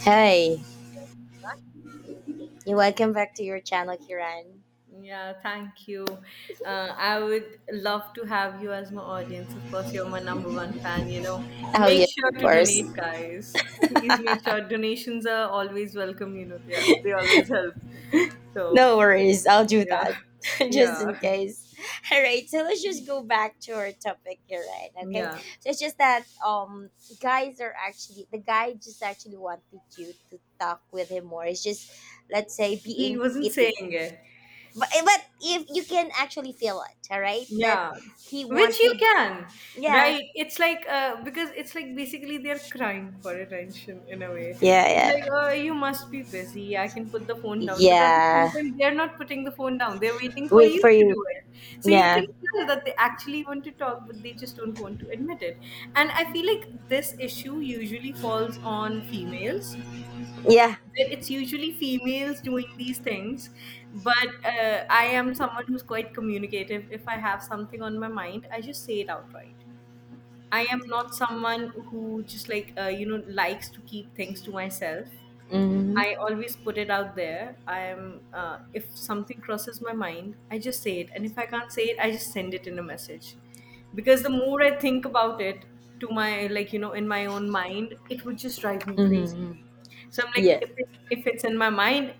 Hey, you welcome back to your channel, Kiran. Yeah, thank you. I would love to have you as my audience. Of course, you're my number one fan. Oh, Make yes, sure of to course. donate, guys. Please make sure donations are always welcome. Yeah, they always help. So, No worries, I'll do yeah. that. Just Yeah. in case. Alright, so let's just go back to our topic, Kiran, okay? Yeah. So it's just that guys are actually the guy just actually wanted you to talk with him more. It's just, let's say, He being wasn't pity. saying it. But but if you can actually feel it, alright? That Yeah, he which you wanted. can, Yeah. right? It's like because it's like basically they're crying for attention in a way. Yeah, It's like, yeah. oh, you must be busy. I can put the phone down, but at the same Yeah. time, they're not putting the phone down. They're waiting for you Wait for to you. do it. So you can Yeah. tell that they actually want to talk, but they just don't want to admit it. And I feel like this issue usually falls on females, Yeah. where it's usually females doing these things, but I am someone who's quite communicative. If I have something on my mind, I just say it outright. I am not someone who just like likes to keep things to myself. Mhm. I always put it out there. I am uh, if something crosses my mind, I just say it, and if I can't say it, I just send it in a message, because the more I think about it, to my like you know in my own mind, it would just drive me crazy. Mm-hmm. So I'm like, Yeah. if it's in my mind,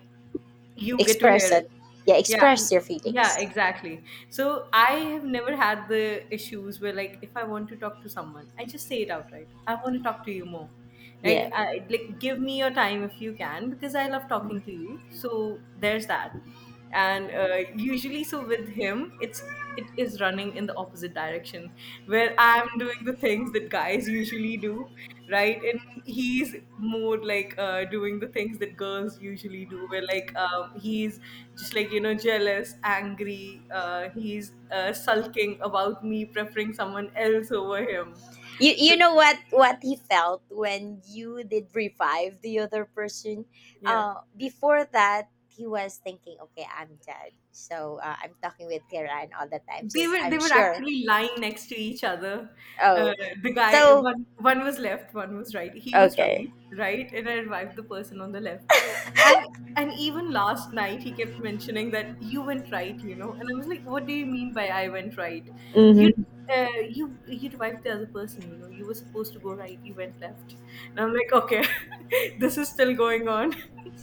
you get to Express hear it. it. Yeah, Yeah, express your yeah, feelings. exactly. So I have never had the issues where, like, if I want to talk to someone, I just say it outright. I want to talk to you more. Like, Yeah. I, like, give me your time if you can, because I love talking to you. So there's that, and usually, so with him, it is running in the opposite direction, where I'm doing the things that guys usually do, right, and he's more like doing the things that girls usually do, where like he's just like jealous, angry, he's sulking about me preferring someone else over him. You So you know what he felt when you did revive the other person. yeah. Before that he was thinking, okay, I'm dead. So I'm talking with Kiran all the time. They She's, were they I'm were sure. actually lying next to each other. Uh, Oh, the guy, so one was left, one was right. He was right, okay. right, and I revived the person on the left. And and even last night, he kept mentioning that you went right. And I was like, what do you mean by I went right? You Hmm. you revived the other person, you know. You were supposed to go right, you went left. And I'm like, okay, this is still going on.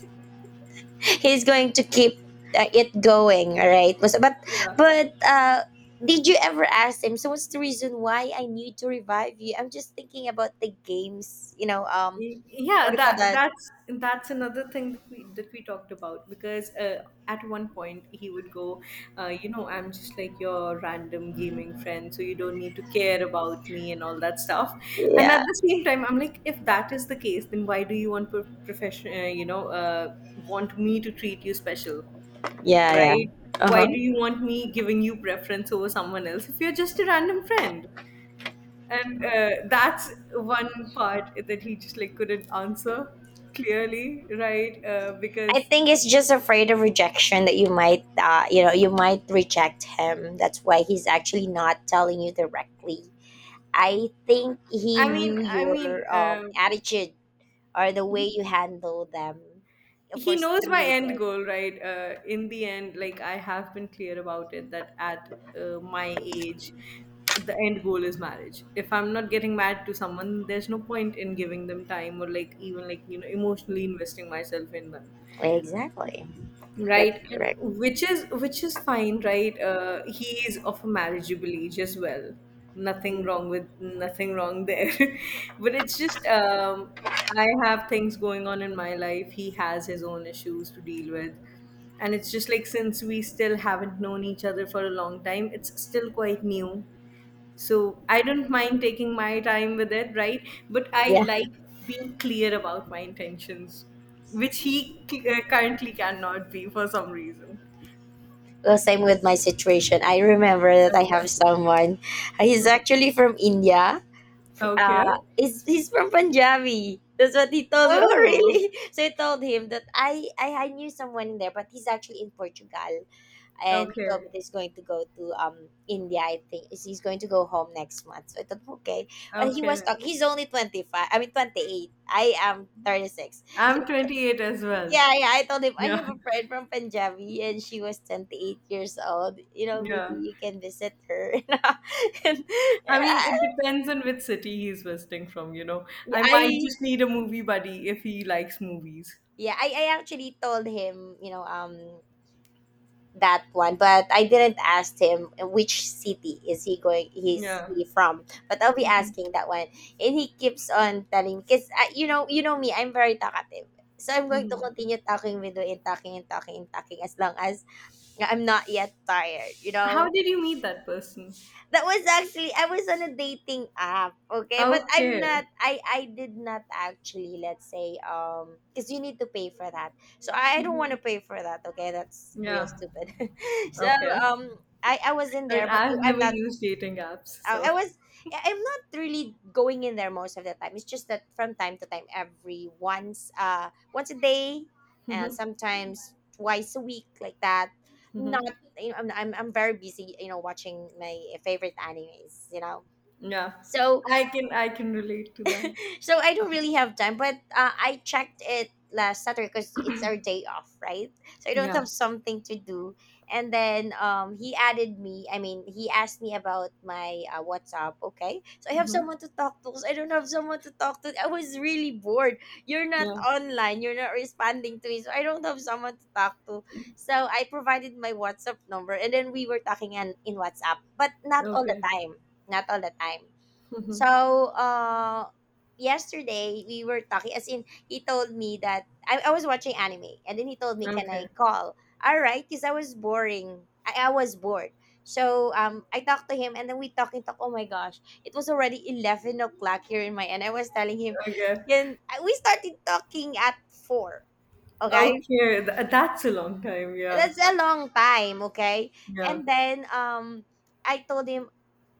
He's going to keep it going, all right But Yeah. but, did you ever ask him, so what's the reason why I need to revive you? I'm just thinking about the games, what Yeah, do you call that that. that's that's another thing that we talked about, because at one point he would go, I'm just like your random gaming friend, so you don't need to care about me and all that stuff. And at Yeah, the same time, I'm like, if that is the case, then why do you want pro- profession you know want me to treat you special, yeah, yeah. right? Why Uh-huh. do you want me giving you preference over someone else if you're just a random friend? And that's one part that he just like couldn't answer clearly, right, I because... think it's just afraid of rejection, that you might, uh, you might reject him. That's why he's actually not telling you directly. I think he i mean knew i mean your attitude, or the way you handle them, of he course, knows through my the end game. goal, right, in the end, like I have been clear about it that at my age, the end goal is marriage. If I'm not getting married to someone, there's no point in giving them time, or like even like emotionally investing myself in them, Exactly. That's right? And correct. which is fine, right, he is of a marriageable age as well. Nothing wrong there. But it's just I have things going on in my life. He has his own issues to deal with, and it's just like, since we still haven't known each other for a long time, it's still quite new. So I don't mind taking my time with it, right? But I Yeah. like being clear about my intentions, which he currently cannot be for some reason. Well, same with my situation. I remember that I Okay. have someone. He's actually from India. Okay. He's from Punjabi. That's what he told me. Oh, Oh, really? So I told him that I knew someone in there, but he's actually in Portugal. And he told okay. me that he's going to go to India, I think. He's going to go home next month. So I thought, okay. But he Okay. was talking. He's only 25. I mean, 28. I am 36. I'm So 28 as well. yeah, yeah. I told him I Yeah. have a friend from Punjabi and she was 28 years old. You know, maybe Yeah. you can visit her. and I mean, it uh, depends on which city he's visiting from. I might I just need a movie buddy if he likes movies. yeah, I actually told him, you know, that one, but I didn't ask him which city is he going, he's Yeah. he from. But I'll be asking that one. And he keeps on telling, because you know me, I'm very talkative. So I'm going to Mhm. continue talking with you, and talking and talking and talking as long as I'm not yet tired, you How know? did you meet that person? That was actually, I was on a dating app, okay? But I'm Okay. not I I did not actually, let's say, cuz you need to pay for that. So I don't want Mhm. to pay for that, okay? That's real Yeah. stupid. So Okay. um I was in I mean, there, but I've I'm never not. used dating apps, I so. I was I'm not really going in there most of the time. It's just that from time to time, every once, once a day, and Mhm. sometimes twice a week, like that. Mhm. Not, you know, I'm I'm very busy, you know, watching my favorite animes, you know. Yeah, So I can relate to that. so I don't really have time. But I checked it last Saturday because it's our day off, right? So I don't Yeah. have something to do. And then he added me. I mean, he asked me about my WhatsApp. Okay, so I have Mhm. someone to talk to, 'cause I don't have someone to talk to. I was really bored. You're not Yeah. online. You're not responding to me. So I don't have someone to talk to. So I provided my WhatsApp number, and then we were talking in WhatsApp, but not all the Okay. time. Not all the time. Mhm. So, yesterday we were talking, as in, he told me that I was watching anime, and then he told me, can I Okay. call? All right, because I was boring. I was bored. So, I talked to him, and then we talk. Oh my gosh, it was already 11 o'clock here in my end. I was telling him, Okay. We started talking at 4. Okay, Okay. That's a long time. Yeah. that's a long time. Okay, Yeah. and then, I told him,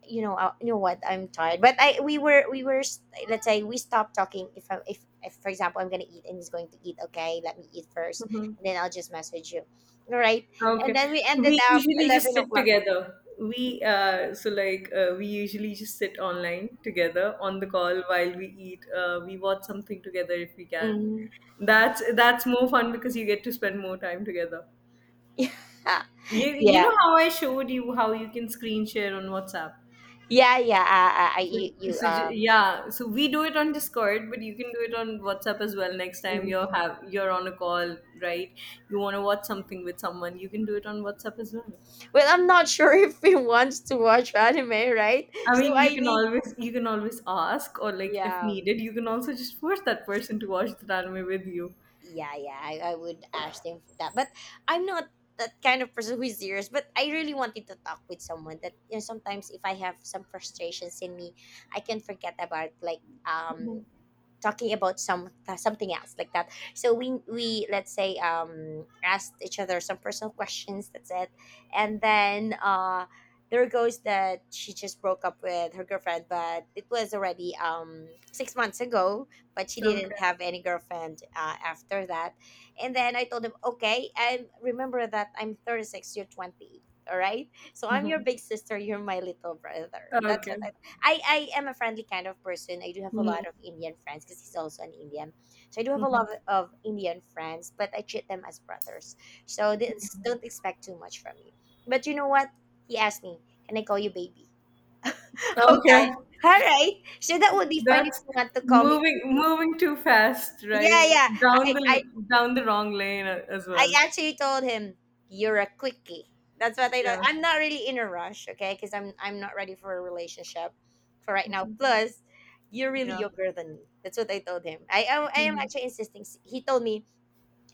you know, uh, what? I'm tired. But I we were s- let's say we stopped talking. If if for example I'm gonna eat and he's going to eat, okay, let me eat first, and then I'll just message you, all right? And Okay. then we ended We up usually just eleven sit o'clock. together. We so like we usually just sit online together on the call while we eat. We watch something together if we can. Mm. That's more fun, because you get to spend more time together. Yeah, You yeah, know how I showed you how you can screen share on WhatsApp. yeah. I So, you, you so j- um. yeah, so we do it on Discord, but you can do it on WhatsApp as well. Next time you're Mm. have you're on a call, right? You want to watch something with someone, you can do it on WhatsApp as well. Well, I'm not sure if he wants to watch anime, right? I So mean, you I can need, always you can always ask, or like if yeah. needed, you can also just force that person to watch that anime with you. Yeah, I would ask them for that, but I'm not that kind of person who is serious. But I really wanted to talk with someone, that, you know, sometimes if I have some frustrations in me, I can forget about, like, Mhm. talking about some, something else like that. So we, let's say, asked each other some personal questions, that's it. And then there goes, that she just broke up with her girlfriend, but it was already, 6 months ago. But she Okay. didn't have any girlfriend after that. And then I told him, okay, and remember that I'm 36, you're 20, all right? So I'm your Mhm. big sister, you're my little brother. That's what. Okay. I am a friendly kind of person. I do have a Mhm. lot of Indian friends, because he's also an Indian. So I do have a Mhm. lot of Indian friends, but I treat them as brothers. So this, don't expect too much from me. But you know what? He asked me, can I call you baby? Okay. Okay. All right. So that would be fun if That's you want to call me moving baby. moving too fast, Yeah, right? yeah. Down the down the wrong lane, as I well. actually told him, "You're a quickie." That's what I thought. Yeah. I'm not really in a rush, okay? Because I'm not ready for a relationship for right now. Plus, you're really Yeah. younger than me. That's what I told him. I am Mhm. actually insisting. He told me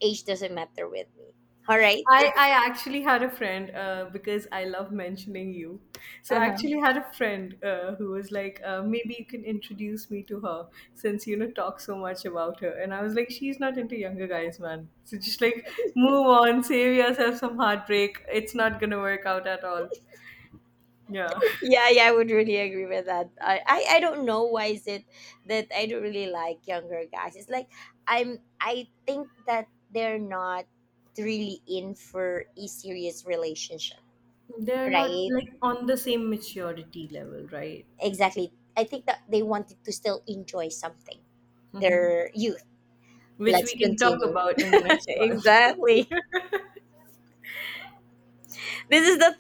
age doesn't matter with me. All right. I actually had a friend, because I love mentioning you. So I Uh-huh. actually had a friend, who was like, maybe you can introduce me to her, since you know talk so much about her. And I was like, she's not into younger guys, man. So just like, move on, save yourself some heartbreak. It's not gonna work out at all. Yeah, Yeah, yeah, I would really agree with that. I don't know why is it that I don't really like younger guys. It's like, I think that they're not really in for a serious relationship, they're not right? like on the same maturity level, right? Exactly. I think that they wanted to still enjoy something. Their youth. Which we Let's can talk continue. about in the next one. Exactly. This is the